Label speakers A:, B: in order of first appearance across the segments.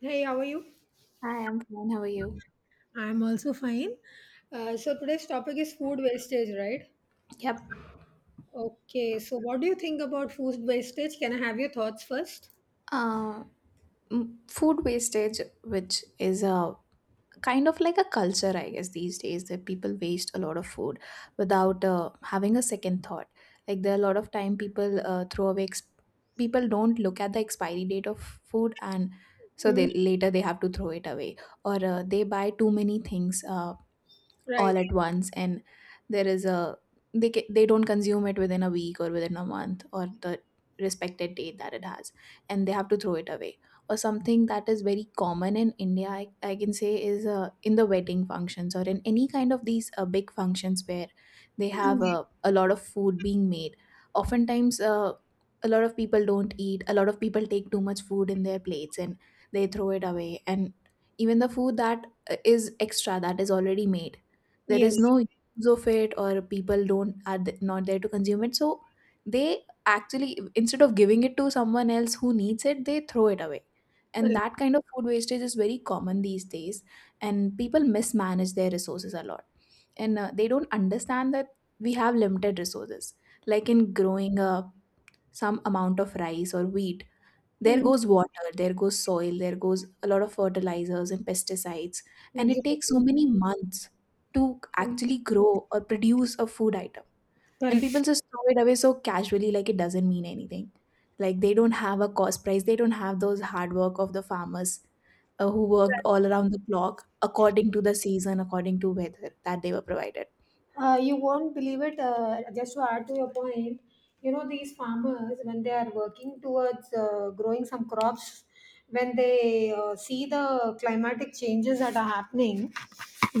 A: Hey, how are you?
B: Hi, I'm fine. How are you?
A: I'm also fine. So today's topic is food wastage, right?
B: Yep.
A: Okay, so what do you think about food wastage? Can I have your thoughts first?
B: Uh, food wastage, which is a kind of like a culture, I guess, these days that people waste a lot of food without having a second thought. Like there are a lot of time people throw away. People don't look at the expiry date of food, and so
A: Mm,
B: they later they have to throw it away, or they buy too many things.
A: right.
B: All at once, and there is a they don't consume it within a week or within a month or the respected date that it has, and they have to throw it away, or something that is very common in india, I can say, is in the wedding functions, or in any kind of these big functions where they have a lot of food being made. Oftentimes, a lot of people don't eat, a lot of people take too much food in their plates and they throw it away. And even the food that is extra, that is already made, there
A: Yes,
B: is no use of it, or people don't are not there to consume it, so they, actually, instead of giving it to someone else who needs it, they throw it away. And
A: correct.
B: that kind of food wastage is very common these days, and people mismanage their resources a lot. And they don't understand that we have limited resources. Like in growing some amount of rice or wheat, there
A: Mm,
B: goes water, there goes soil, there goes a lot of fertilizers and pesticides, and it takes
A: absolutely.
B: so many months to
A: Mm,
B: actually grow or produce a food item. And people
A: correct.
B: just throw it away so casually, like it doesn't mean anything. Like they don't have a cost price, they don't have those hard work of the farmers, who worked all around the clock, according to the season, according to weather that they were provided.
A: You won't believe it. Just to add to your point, you know these farmers when they are working towards growing some crops, when they see the climatic changes that are happening,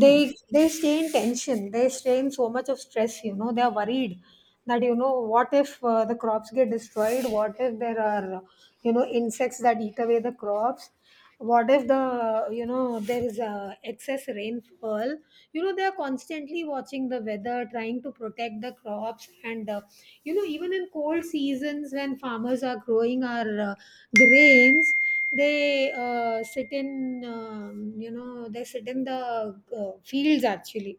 B: Hmm.
A: they stay in tension. They stay in so much of stress. You know they are worried that you know what if the crops get destroyed? What if there are you know insects that eat away the crops? What if the you know there is a excess rainfall, you know they are constantly watching the weather trying to protect the crops, and you know even in cold seasons when farmers are growing our grains, they sit in you know they sit in the fields actually.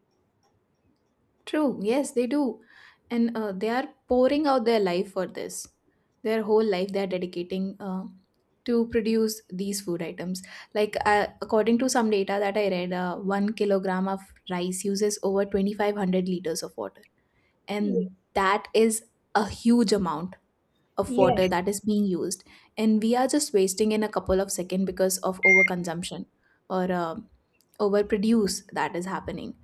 B: True, yes, they do. And they are pouring out their life for this. Their whole life they are dedicating to produce these food items. Like, according to some data that I read, 1 kilogram of rice uses over 2,500 liters of water.
A: Ye-
B: And that is a huge amount of
A: yeah.
B: water that is being used. And we are just wasting in a couple of seconds because of overconsumption, or overproduce that is happening.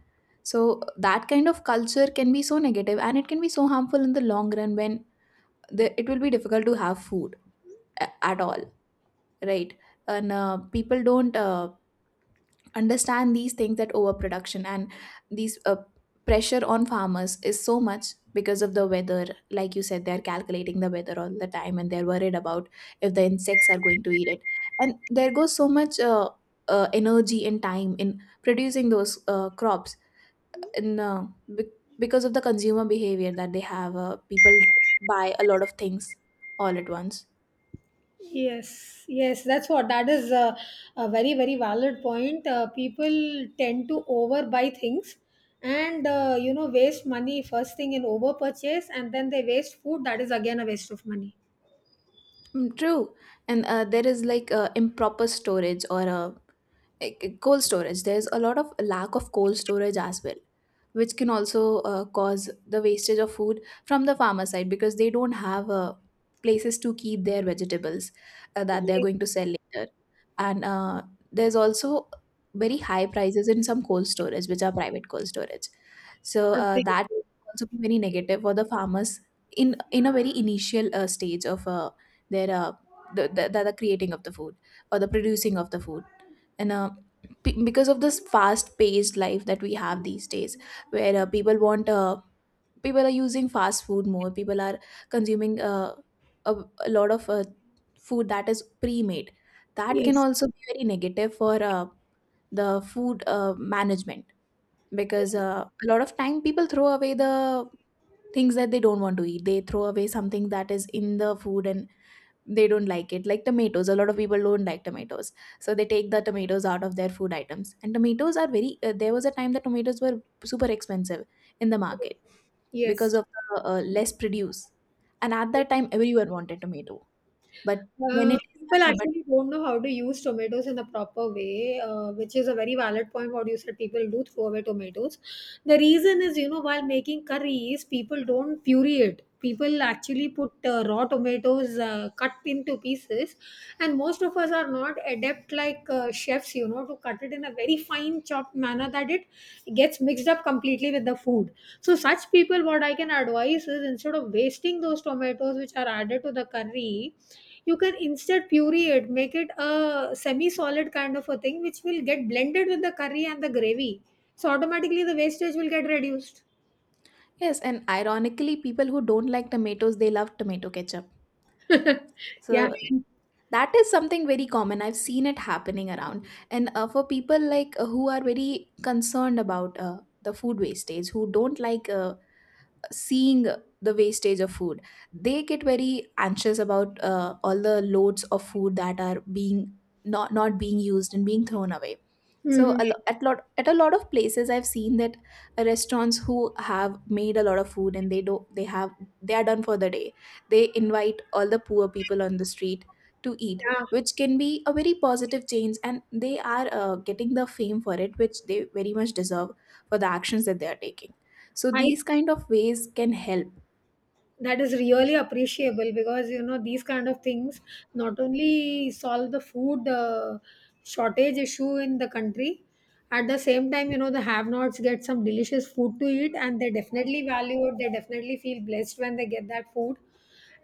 B: So that kind of culture can be so negative, and it can be so harmful in the long run, when it will be difficult to have food at all, right? And people don't understand these things, that overproduction and these pressure on farmers is so much because of the weather. Like you said, they're calculating the weather all the time, and they're worried about if the insects are going to eat it. And there goes so much energy and time in producing those crops. No, because of the consumer behavior that they have, people buy a lot of things all at once.
A: Yes, yes, that's what that is a very, very valid point. People tend to overbuy things, and you know waste money first thing in overpurchase and then they waste food, that is again a waste of money.
B: Mm, true. And there is like improper storage, or cold storage, there's a lot of lack of cold storage as well, which can also cause the wastage of food from the farmer side, because they don't have places to keep their vegetables that they're
A: Yes,
B: going to sell later. And there's also very high prices in some cold storage, which are private cold storage. So that
A: absolutely.
B: also be very negative for the farmers, in a very initial stage of their the creating of the food, or the producing of the food. And because of this fast paced life that we have these days, where people want people are using fast food more, people are consuming a, a lot of food that is pre made, that can
A: Yes,
B: also be very negative for the food management, because a lot of time people throw away the things that they don't want to eat, they throw away something that is in the food and they don't like it, like tomatoes. A lot of people don't like tomatoes, so they take the tomatoes out of their food items, and tomatoes are very there was a time that tomatoes were super expensive in the market,
A: yes.
B: because of the less produce, and at that time everyone wanted tomato, but when it
A: People
B: is but
A: actually don't know how to use tomatoes in the proper way, which is a very valid point. What you said, people do throw away tomatoes. The reason is, you know, while making curries, people don't puree it. People actually put raw tomatoes cut into pieces, and most of us are not adept like chefs, you know, to cut it in a very fine chopped manner that it gets mixed up completely with the food. So, such people, what I can advise is instead of wasting those tomatoes which are added to the curry, you can instead puree it, make it a semi solid kind of a thing which will get blended with the curry and the gravy, so automatically the wastage will get reduced.
B: yes. And ironically, people who don't like tomatoes, they love tomato ketchup.
A: Yeah.
B: So that is something very common, I've seen it happening around. And for people like who are very concerned about the food wastage, who don't like seeing the wastage of food, they get very anxious about all the loads of food that are being not being used and being thrown away. So
A: Mhm.
B: a lo- at lot at a lot of places, I've seen that restaurants who have made a lot of food, and they are done for the day, they invite all the poor people on the street to eat,
A: Yeah.
B: which can be a very positive change. And they are getting the fame for it, which they very much deserve, for the actions that they are taking. So
A: I,
B: these kind of ways can help.
A: that is really appreciable because you know these kind of things not only solve the food shortage issue in the country, at the same time you know the have nots get some delicious food to eat and they definitely value it, they definitely feel blessed when they get that food,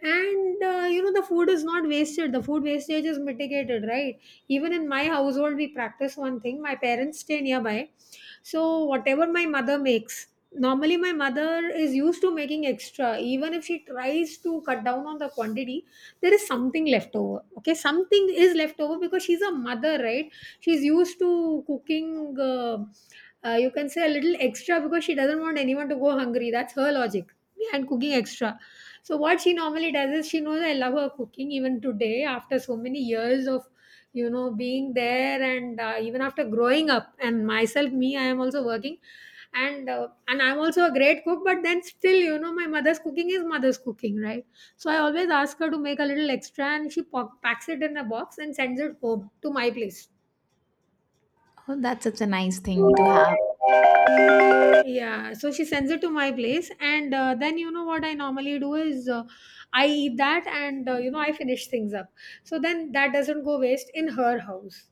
A: and you know the food is not wasted, the food wastage is mitigated, right? Even in my household we practice one thing. My parents stay nearby, so whatever my mother makes, normally my mother is used to making extra even if she tries to cut down on the quantity, there is something left over. Okay, something is left over because she's a mother, right? She's used to cooking you can say a little extra because she doesn't want anyone to go hungry, that's her logic behind cooking extra. So what she normally does is she knows I love her cooking even today after so many years of, you know, being there, and even after growing up, and myself, me, I am also working, and I'm also a great cook, but then still you know my mother's cooking is mother's cooking, right? So I always ask her to make a little extra, and she packs it in a box and sends it home to my place.
B: Oh, that's such a nice thing to have.
A: Yeah, so she sends it to my place, and then you know what I normally do is, I eat that, and you know I finish things up. So then that doesn't go waste in her house.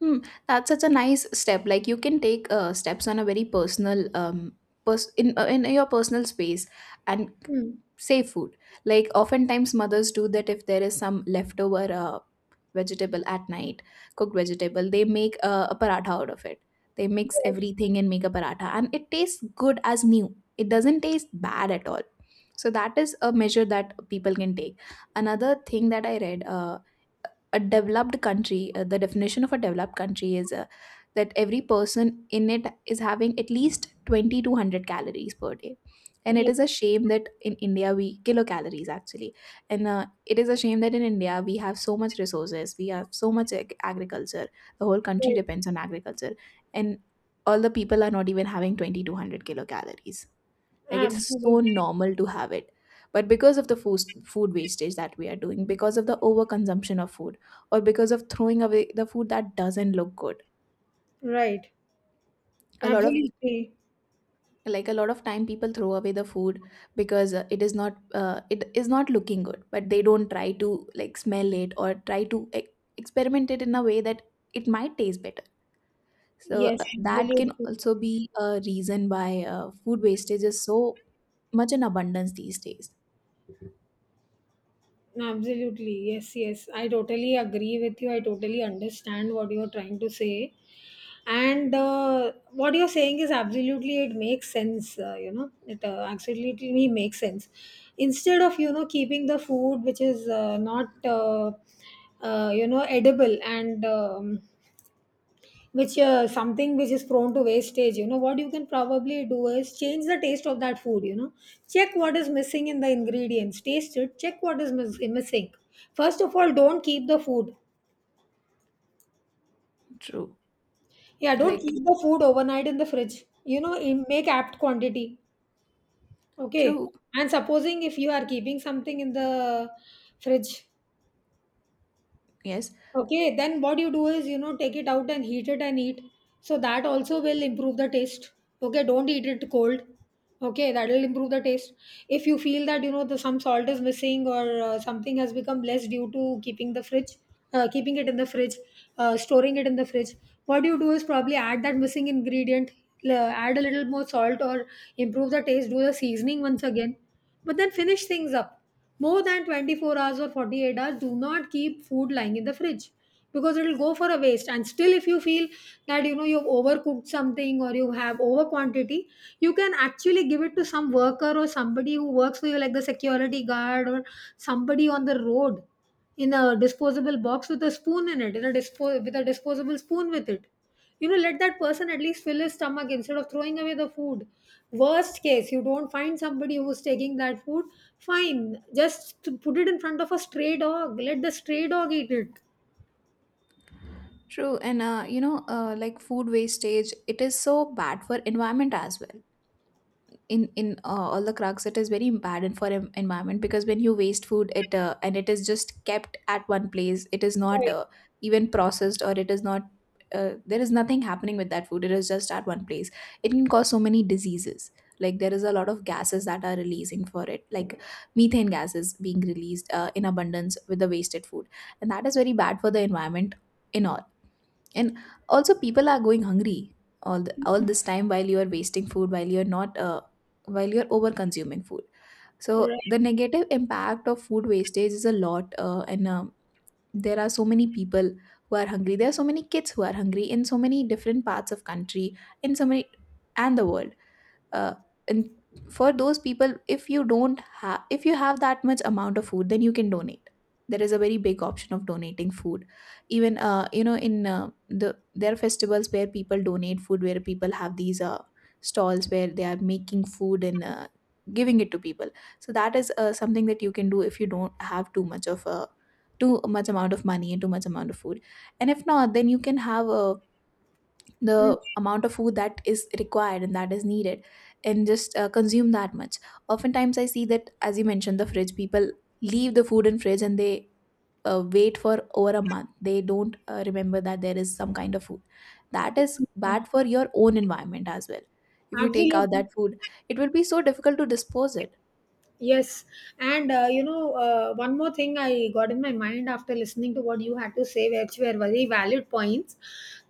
B: Hmm, that's such a nice step. Like you can take steps on a very personal, in your personal space, and
A: Hmm.
B: save food. Like oftentimes mothers do that, if there is some leftover vegetable at night, cooked vegetable, they make a paratha out of it. They mix everything and make a paratha, and it tastes good as new. It doesn't taste bad at all. So that is a measure that people can take. Another thing that I read, a developed country, the definition of a developed country is that every person in it is having at least 20 to 100 calories per day. And it is a
A: Yes,
B: shame that in India we kilocalories actually, and it is a shame that in India we have so much resources, we have so much agriculture. The whole country
A: right.
B: depends on agriculture, and all the people are not even having 20 to 100 kilocalories, like it's so
A: Absolutely.
B: normal to have it. But because of the food wastage that we are doing, because of the overconsumption of food, or because of throwing away the food that doesn't look good,
A: Right,
B: a lot of
A: absolutely.
B: like a lot of time people throw away the food, because it is not looking good, but they don't try to like smell it or try to experiment it in a way that it might taste better. So
A: Yes,
B: that can
A: absolutely,
B: also be a reason why food wastage is so much in abundance these days.
A: absolutely. Yes, yes. I totally agree with you. I totally understand what you are trying to say. And what you're saying is absolutely, it makes sense, you know it absolutely makes sense. Instead of you know keeping the food which is not you know edible, and which something which is prone to wastage, you know what you can probably do is change the taste of that food, you know, check what is missing in the ingredients, taste it, check what is missing. First of all, don't keep the food.
B: True.
A: Yeah, don't
B: Like,
A: keep the food overnight in the fridge, you know, make apt quantity. Okay.
B: true.
A: And supposing if you are keeping something in the fridge,
B: Yes,
A: okay, then what you do is, you know, take it out and heat it and eat. So that also will improve the taste. Okay, don't eat it cold. Okay, that will improve the taste. If you feel that, you know, the, some salt is missing or something has become less due to keeping the fridge, uh, keeping it in the fridge, storing it in the fridge, what you do is probably add that missing ingredient, add a little more salt or improve the taste, do the seasoning once again, but then finish things up. More than 24 hours or 48 hours, do not keep food lying in the fridge because it will go for a waste. And still, if you feel that you know you've overcooked something or you have over quantity, you can actually give it to some worker or somebody who works for you, like the security guard or somebody on the road, in a disposable box with a spoon in it, in a with a disposable spoon with it, you know let that person at least fill his stomach instead of throwing away the food. Worst case you don't find somebody who's taking that food, fine, just to put it in front of a stray dog, let the stray dog eat it.
B: true. And, like food wastage, it is so bad for environment as well. In all the cracks, it is very bad for environment, because when you waste food, it and it is just kept at one place, it is not even processed, or it is not there is nothing happening with that food, it is just at one place. It can cause so many diseases. Like there is a lot of gases that are releasing for it, like methane gases being released in abundance with the wasted food, and that is very bad for the environment in all. And also people are going hungry all this time while you are wasting food, while you're not while you're over consuming food. So the negative impact of food wastage is a lot, and there are so many people who are hungry, there are so many kids who are hungry, in so many different parts of country, in so many, and the world, uh, and for those people, if you don't have, if you have that much amount of food, then you can donate. There is a very big option of donating food. Even, you know in the there are festivals where people donate food, where people have these stalls where they are making food and giving it to people. So that is something that you can do if you don't have too much amount of money and too much amount of food. And if not, then you can have a
A: Mm.
B: the amount of food that is required and that is needed, and just consume that much. Oftentimes I see that, as you mentioned, the fridge, people leave the food in fridge, and they wait for over a month, they don't remember that there is some kind of food that is bad for your own environment as well. If you take out
A: Absolutely.
B: that food, it will be so difficult to dispose it.
A: Yes, and you know, one more thing I got in my mind after listening to what you had to say, which were very valid points.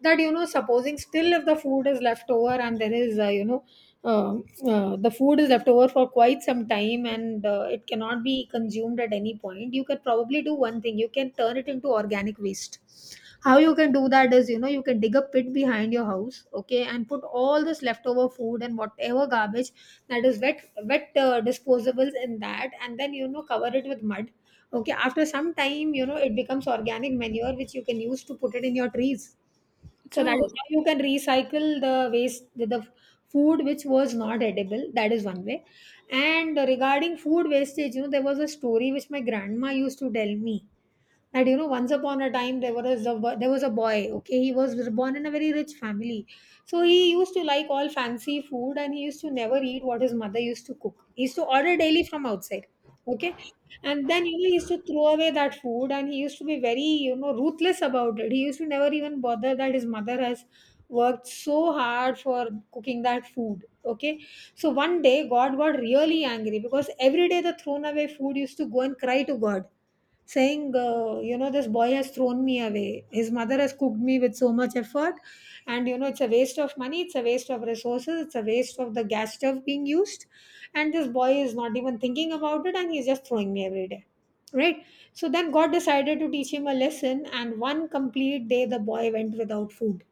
A: That you know, supposing still if the food is left over and there is, you know, uh, the food is left over for quite some time and it cannot be consumed at any point, you can probably do one thing, you can turn it into organic waste. How you can do that is, you know, you can dig a pit behind your house, okay, and put all this leftover food and whatever garbage that is wet, disposables in that, and then you know cover it with mud. Okay, after some time you know it becomes organic manure which you can use to put it in your trees. So that is
B: True.
A: how you can recycle the waste, the food which was not edible. That is one way. And regarding food wastage, you know there was a story which my grandma used to tell me, that you know once upon a time there was a there was a boy, okay, he was born in a very rich family. So he used to like all fancy food and he used to never eat what his mother used to cook, he used to order daily from outside, okay. And then you know he used to throw away that food and he used to be very you know ruthless about it, he used to never even bother that his mother has worked so hard for cooking that food, okay. So one day god got really angry because every day the thrown away food used to go and cry to god, saying, you know, this boy has thrown me away. His mother has cooked me with so much effort, and you know, it's a waste of money, it's a waste of resources, it's a waste of the gas stove being used. And this boy is not even thinking about it, and he's just throwing me every day, right? So then God decided to teach him a lesson, and one complete day the boy went without food.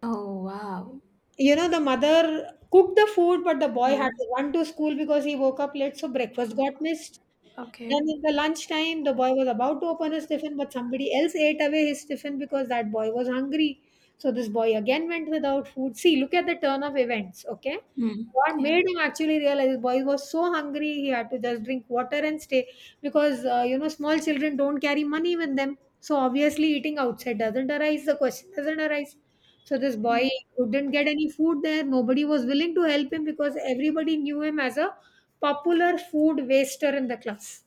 B: Oh, wow.
A: You know, the mother cooked the food, but the boy
B: Yeah.
A: had to run to school because he woke up late, so breakfast got missed.
B: Okay.
A: Then in the lunchtime, the boy was about to open his tiffin, but somebody else ate away his tiffin because that boy was hungry. So this boy again went without food. See, look at the turn of events, okay?
B: Hmm.
A: What
B: Yeah.
A: made him actually realize, the boy was so hungry, he had to just drink water and stay because, you know, small children don't carry money with them. So obviously, eating outside doesn't arise, the question doesn't arise. So this
B: Yeah.
A: boy couldn't get any food there. Nobody was willing to help him because everybody knew him as a popular food waster in the class.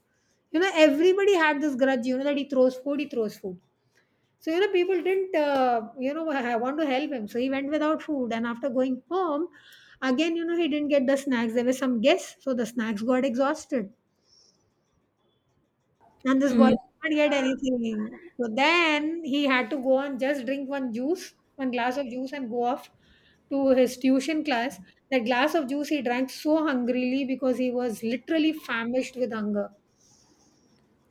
A: You know, everybody had this grudge, you know, that he throws food, he throws food. So, you know, people didn't, you know, want to help him. So he went without food. And after going home, again, you know, he didn't get the snacks. There were some guests. So the snacks got exhausted. And this boy
B: Mm.
A: did not get anything. So then he had to go and just drink one glass of juice and go off to his tuition class. That glass of juice he drank so hungrily because he was literally famished with hunger.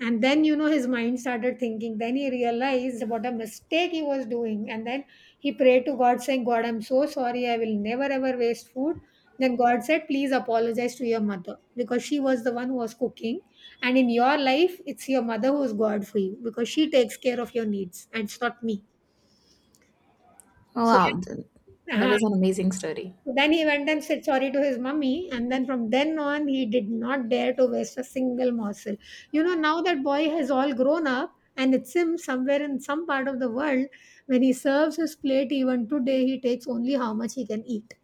A: And then, his mind started thinking. Then he realized what a mistake he was doing. And then he prayed to God, saying, God, I'm so sorry, I will never ever waste food. Then God said, please apologize to your mother because she was the one who was cooking. And in your life, it's your mother who's god for you because she takes care of your needs and it's not me. So
B: Wow, that
A: uh,
B: is an amazing story.
A: So then he went and said sorry to his mummy, and then from then on, he did not dare to waste a single morsel. You know, now that boy has all grown up, and it's him somewhere in some part of the world. When he serves his plate, even today, he takes only how much he can eat.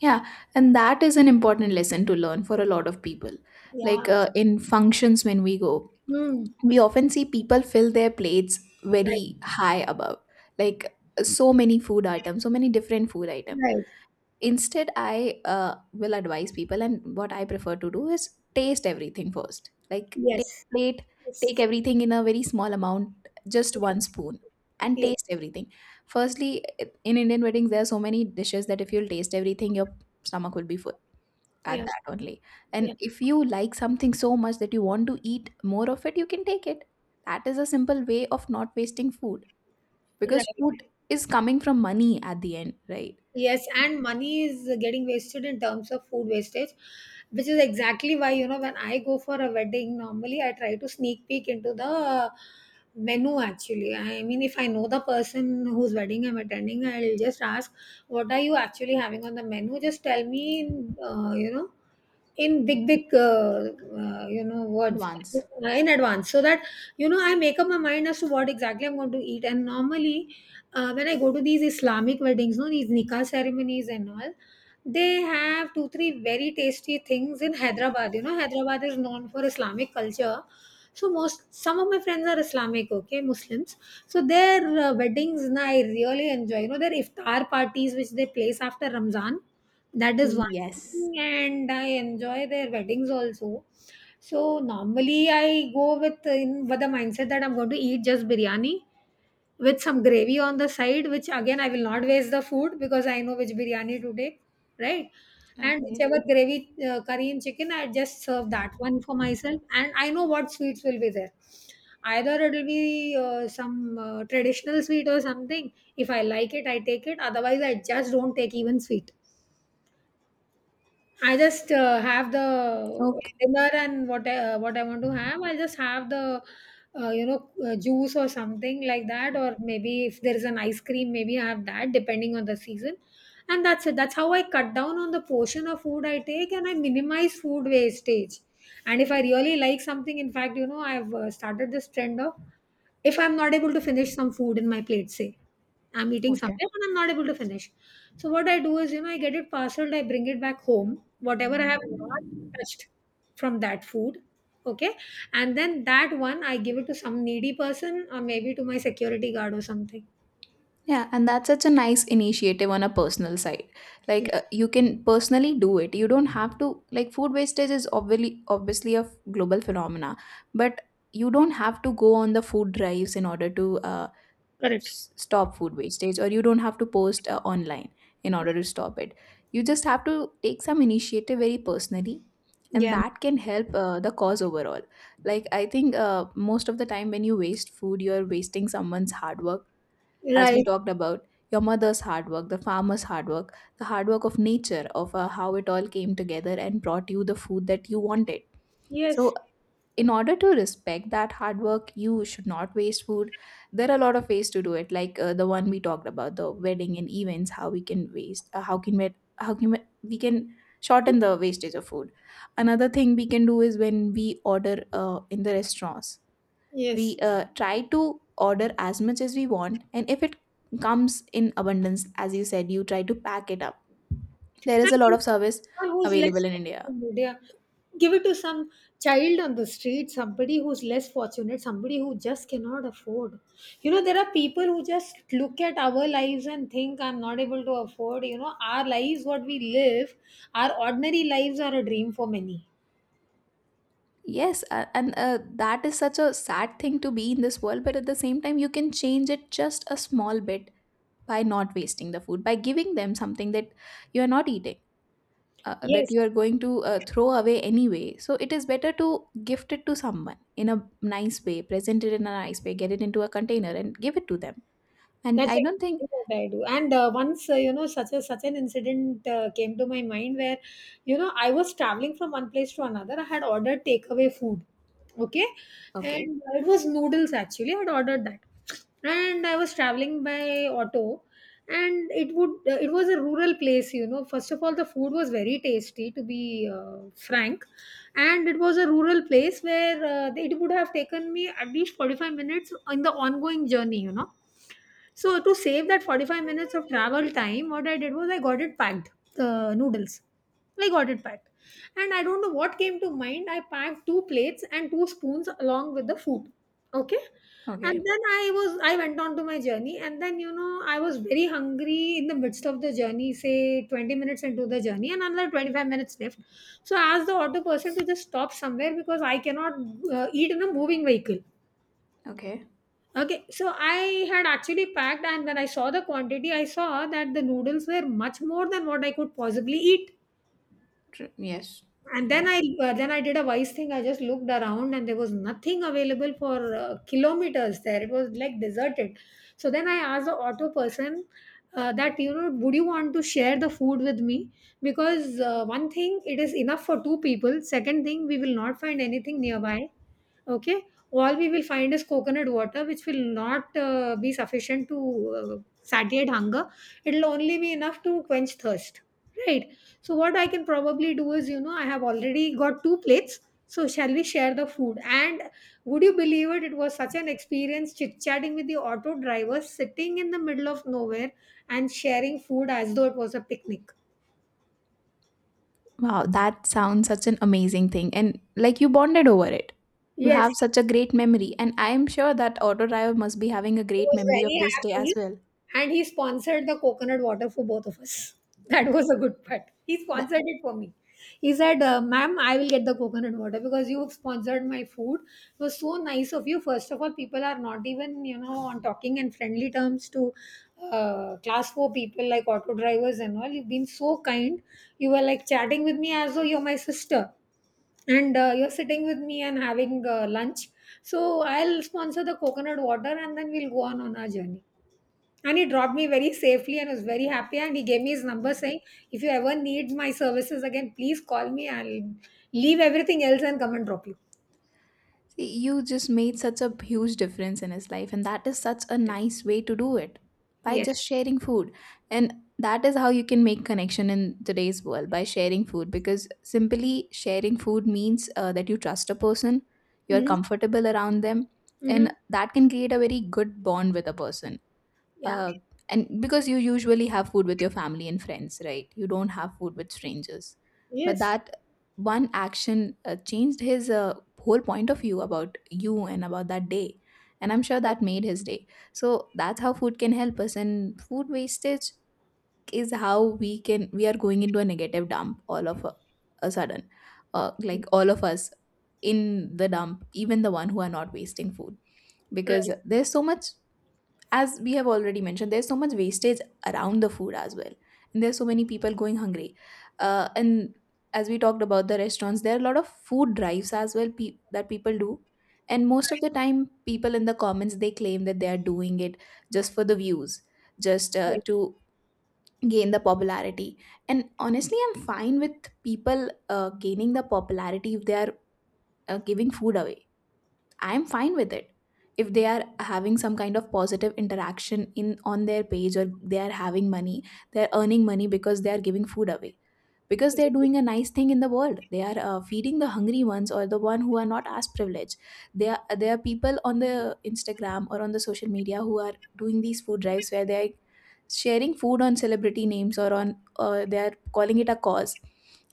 B: Yeah, and that is an important lesson to learn for a lot of people. Like
A: Yeah.
B: in functions, when we go,
A: Hmm.
B: we often see people fill their plates
A: Right.
B: very high above, like so many food items, so many different food items.
A: Right.
B: Instead, I will advise people, and what I prefer to do is taste everything first. Like take
A: Yes.
B: a plate, take
A: Yes.
B: everything in a very small amount, just one spoon, and
A: Yes.
B: taste everything. Firstly, in Indian weddings, there are so many dishes that if you'll taste everything, your stomach will be full at
A: Yeah.
B: that only. And
A: Yeah.
B: if you like something so much that you want to eat more of it, you can take it. That is a simple way of not wasting food because
A: Right.
B: food is coming from money at the end, right?
A: Yes, and money is getting wasted in terms of food wastage, which is exactly why, you know, when I go for a wedding, normally I try to sneak peek into the menu actually. I mean, if I know the person whose wedding I'm attending, I'll just ask, what are you actually having on the menu? Just tell me, in big big words
B: Advance.
A: in advance, so that I make up my mind as to what exactly I'm going to eat. And normally, when I go to these Islamic weddings, no, these nikah ceremonies and all, they have 2-3 very tasty things in Hyderabad. Hyderabad is known for Islamic culture. So most some of my friends are Islamic, okay, Muslims. So their weddings na, I really enjoy, their iftar parties which they place after Ramzan. That is one,
B: Yes.
A: and I enjoy their weddings also. So normally I go with the mindset that I'm going to eat just biryani with some gravy on the side, which again I will not waste the food because I know which biryani to take, right? And
B: Okay.
A: whichever gravy, curry and chicken, I just serve that one for myself, and I know what sweets will be there. Either it'll be some traditional sweet or something. If I like it, I take it. Otherwise, I just don't take even sweet. I just have the
B: Okay.
A: dinner and what I want to have. I just have the juice or something like that, or maybe if there is an ice cream, maybe I have that depending on the season. And that's it. That's how I cut down on the portion of food I take, and I minimize food wastage. And if I really like something, in fact, you know, I've started this trend of, if I'm not able to finish some food in my plate, say I'm eating somewhere and I'm not able to finish, so what I do is, you know, I get it parceled, I bring it back home, whatever I have not touched from that food. Okay. And then that one I give it to some needy person or maybe to my security guard or something.
B: Yeah, and that's such a nice initiative on a personal side. Like
A: Yes.
B: you can personally do it. You don't have to, like, food wastage is obviously a global phenomena, but you don't have to go on the food drives in order to
A: Correct.
B: stop food wastage, or you don't have to post online in order to stop it. You just have to take some initiative very personally, and
A: Yeah.
B: that can help the cause overall. Like, I think most of the time when you waste food, you're wasting someone's hard work, as we
A: Right.
B: talked about. Your mother's hard work, the farmer's hard work, the hard work of nature, of how it all came together and brought you the food that you wanted. So
A: Yes.
B: in order to respect that hard work, you should not waste food. There are a lot of ways to do it, like the one we talked about, the wedding and events. How we can waste, how can we, how can we can shorten the wastage of food. Another thing we can do is when we order in the restaurants, we
A: Yes.
B: try to order as much as we want, and if it comes in abundance, as you said, you try to pack it up. There is
A: And
B: a lot
A: in
B: of service
A: someone who's
B: available
A: less
B: in India.
A: fortunate, yeah. Give it to some child on the street, somebody who's less fortunate, somebody who just cannot afford. You know, there are people who just look at our lives and think, I'm not able to afford. You know, our lives, what we live, our ordinary lives are a dream for many.
B: Yes, and that is such a sad thing to be in this world, but at the same time, you can change it just a small bit by not wasting the food, by giving them something that you are not eating, that
A: Yes,
B: you are going to throw away anyway. So it is better to gift it to someone in a nice way, present it in a nice way, get it into a container and give it to them. And
A: that's
B: I don't think.
A: exactly what I do. And once, you know, such an incident came to my mind where, you know, I was traveling from one place to another. I had ordered takeaway food, okay,
B: Okay,
A: and it was noodles actually. I had ordered that, and I was traveling by auto, and it was a rural place. You know, first of all, the food was very tasty, to be frank, and it was a rural place where it would have taken me at least 45 minutes in the ongoing journey. You know, so to save that 45 minutes of travel time, what I did was I got it packed, the noodles. I got it packed. And I don't know what came to mind. I packed two plates and two spoons along with the food. Okay. And
B: okay,
A: then I went on to my journey, and then, you know, I was very hungry in the midst of the journey, say 20 minutes into the journey and another 25 minutes left. So I asked the auto person to just stop somewhere because I cannot eat in a moving vehicle.
B: okay.
A: Okay, so I had actually packed, and when I saw the quantity, I saw that the noodles were much more than what I could possibly eat.
B: True. Yes,
A: And then
B: okay.
A: I uh, then I did a wise thing. I just looked around, and there was nothing available for kilometers there. It was like deserted. So then I asked the auto person that, would you want to share the food with me? Because one thing, it is enough for two people. Second thing, we will not find anything nearby. Okay, all we will find is coconut water, which will not be sufficient to satiate hunger. It'll only be enough to quench thirst, right? So what I can probably do is, you know, I have already got two plates. So shall we share the food? And would you believe it? It was such an experience chit-chatting with the auto driver, sitting in the middle of nowhere and sharing food as though it was a picnic.
B: Wow, that sounds such an amazing thing. And like, you bonded over it. You
A: Yes.
B: have such a great memory. And I am sure that auto driver must be having a
A: He
B: great
A: was
B: memory of
A: very
B: this day as
A: happy
B: well.
A: and he sponsored the coconut water for both of us. That was a good part. He
B: That,
A: sponsored it for me. He said, Ma'am, I will get the coconut water because you've sponsored my food. It was so nice of you. First of all, people are not even, you know, on talking and friendly terms to class four people like auto drivers and all. You've been so kind. You were like chatting with me as though you're my sister, and you're sitting with me and having lunch. So I'll sponsor the coconut water, and then we'll go on our journey. And he dropped me very safely and was very happy, and he gave me his number saying, if you ever need my services again, please call me, I'll leave everything else and come and drop you.
B: see, you just made such a huge difference in his life. And that is such a nice way to do it, by
A: Yes.
B: just sharing food. And that is how you can make connection in today's world, by sharing food, because simply sharing food means that you trust a person, you're
A: Mm-hmm.
B: comfortable around them,
A: Mm-hmm.
B: and that can create a very good bond with a person.
A: Yeah.
B: uh, and because you usually have food with your family and friends, right? You don't have food with strangers. But
A: Yes.
B: that one action changed his, whole point of view about you and about that day, and I'm sure that made his day. So that's how food can help us. And food wastage is how we can, we are going into a negative dump all of a sudden. Like, all of us in the dump, even the one who are not wasting food,
A: Right.
B: because there's so much, as we have already mentioned, there's so much wastage around the food as well, and there's so many people going hungry, and as we talked about the restaurants, there are a lot of food drives as well, that people do. And most of the time, people in the comments, they claim that they are doing it just for the views, just
A: Right.
B: to gain the popularity. And honestly, I'm fine with people gaining the popularity if they are giving food away. I am fine with it. If they are having some kind of positive interaction in, on their page, or they are having money, they are earning money because they are giving food away, because they're doing a nice thing in the world. They are feeding the hungry ones, or the one who are not as privileged. There are people on the Instagram or on the social media who are doing these food drives, where they're sharing food on celebrity names, or on, they are calling it a cause,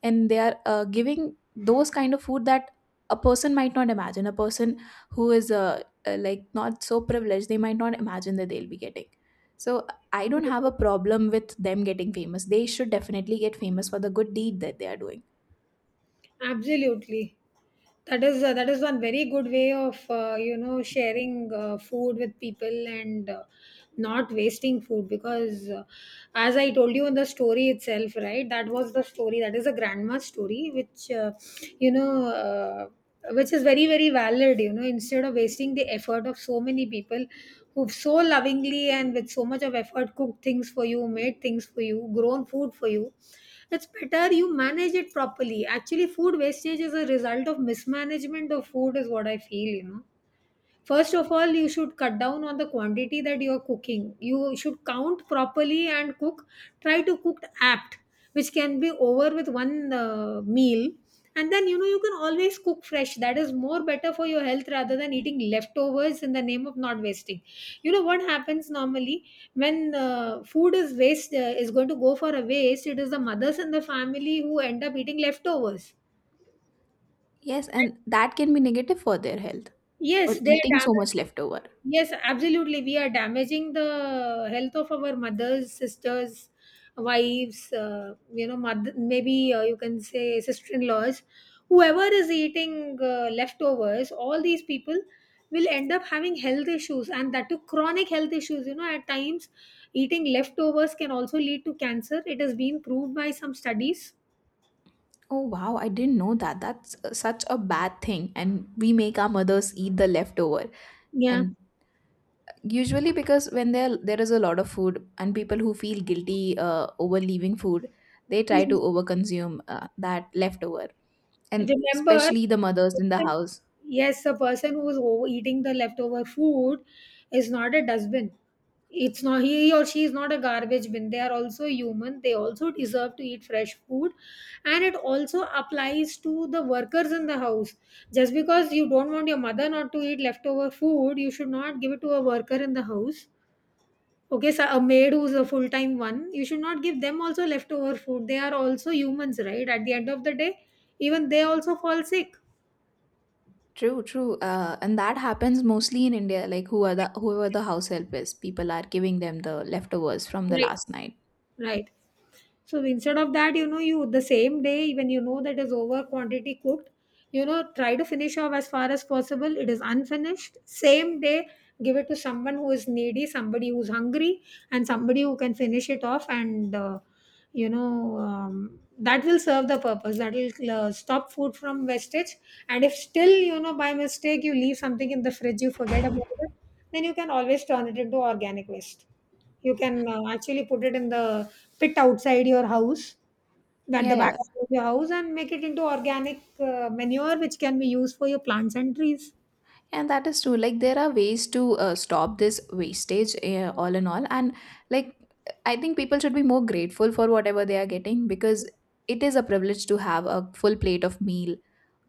B: and they are giving those kind of food that a person might not imagine. A person who is like, not so privileged, they might not imagine that they'll be getting so. I don't have a problem with them getting famous. They should definitely get famous for the good deed that they are doing.
A: Absolutely. That is, one very good way of, sharing food with people, and not wasting food, because as I told you in the story itself, right? That was the story. That is a grandma's story, which you know. Uh, which is very very valid. Instead of wasting the effort of so many people who've so lovingly and with so much of effort cooked things for you, made things for you, grown food for you, it's better you manage it properly. Actually, food wastage is a result of mismanagement of food is what I feel. First of all, you should cut down on the quantity that you are cooking. You should count properly and cook. Try to cook apt, which can be over with one meal. And then, you can always cook fresh. That is more better for your health rather than eating leftovers in the name of not wasting. You know what happens normally when is going to go for a waste, it is the mothers and the family who end up eating leftovers.
B: Yes, and that can be negative for their health, for
A: Yes, they are
B: eating so much
A: damaging.
B: leftover.
A: Yes, absolutely. We are damaging the health of our mothers, sisters, wives, mother, maybe you can say sister in laws. Whoever is eating leftovers, all these people will end up having health issues, and that too chronic health issues. You know, at times eating leftovers can also lead to cancer. It has been proved by some studies.
B: Oh wow, I didn't know that. That's such a bad thing. And we make our mothers eat the leftover.
A: Yeah.
B: And usually, because when there is a lot of food and people who feel guilty over leaving food, they try to overconsume that leftover, and
A: Remember,
B: especially the mothers in the house.
A: yes, the person who is eating the leftover food is not a dustbin. It's not, he or she is not a garbage bin. They are also human, they also deserve to eat fresh food. And it also applies to the workers in the house. Just because you don't want your mother not to eat leftover food, you should not give it to a worker in the house. Okay, so a maid who's a full-time one, you should not give them also leftover food. They are also humans, right, at the end of the day. Even they also fall sick.
B: True, true. And that happens mostly in India, like, who are the, whoever the house help is, people are giving them the leftovers from the
A: Right.
B: last night.
A: Right. So instead of that, you the same day when you know that is over quantity cooked, try to finish off as far as possible. It is unfinished. Same day, give it to someone who is needy, somebody who's hungry, and somebody who can finish it off. And that will serve the purpose. That will stop food from wastage. And if still, you know, by mistake you leave something in the fridge, you forget about it, then you can always turn it into organic waste. You can actually put it in the pit outside your house, at the
B: Yeah,
A: back
B: yeah.
A: of your house, and make it into organic manure, which can be used for your plants and trees.
B: And that is true. Like, there are ways to stop this wastage, all in all. And like, I think people should be more grateful for whatever they are getting, because it is a privilege to have a full plate of meal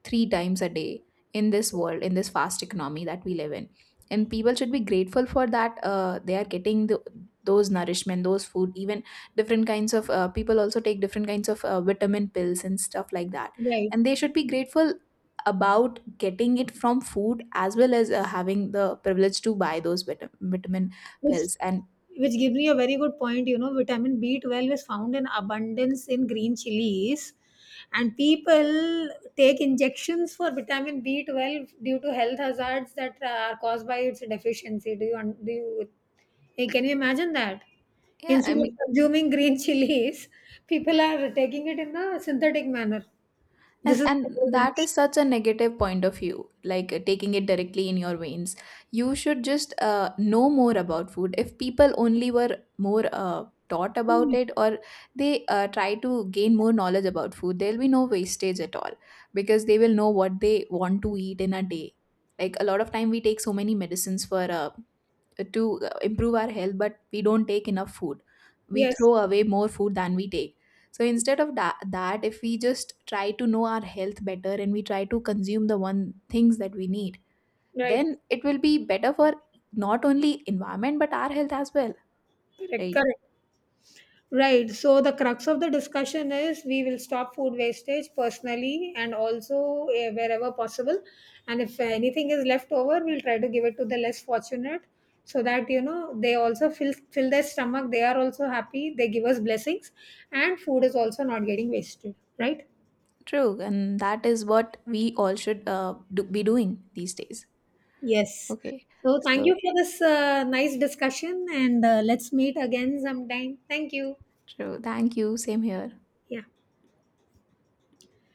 B: three times a day in this world, in this fast economy that we live in. And people should be grateful for that, they are getting the, those nourishment, those food. Even different kinds of, people also take different kinds of vitamin pills and stuff like that,
A: Right.
B: and they should be grateful about getting it from food, as well as having the privilege to buy those vitamin
A: Which
B: pills and,
A: which gives me a very good point. You know, vitamin B 12 is found in abundance in green chilies, and people take injections for vitamin B 12 due to health hazards that are caused by its deficiency. Do you un- do you Hey, can you imagine that?
B: yeah, I
A: Instead of
B: mean.
A: consuming green chilies, people are taking it in a synthetic manner. This is
B: And
A: temporary.
B: that is such a negative point of view, like taking it directly in your veins. You should just know more about food. If people only were more taught about it, or they try to gain more knowledge about food, there'll be no wastage at all, because they will know what they want to eat in a day. Like, a lot of time, we take so many medicines for, to improve our health, but we don't take enough food. We
A: Yes,
B: throw away more food than we take. So instead of that, that if we just try to know our health better and we try to consume the one things that we need,
A: right,
B: then it will be better for not only environment but our health as well.
A: correct,
B: Right.
A: correct. Right. So the crux of the discussion is we will stop food wastage personally, and also, wherever possible. And if anything is left over, we'll try to give it to the less fortunate, so that they also fill their stomach. They are also happy. They give us blessings, and food is also not getting wasted. Right.
B: True, and that is what we all should do, be doing these days.
A: Yes.
B: Okay.
A: So thank you
B: So
A: for this nice discussion, and let's meet again sometime. Thank you.
B: true, thank you, same here.
A: Yeah.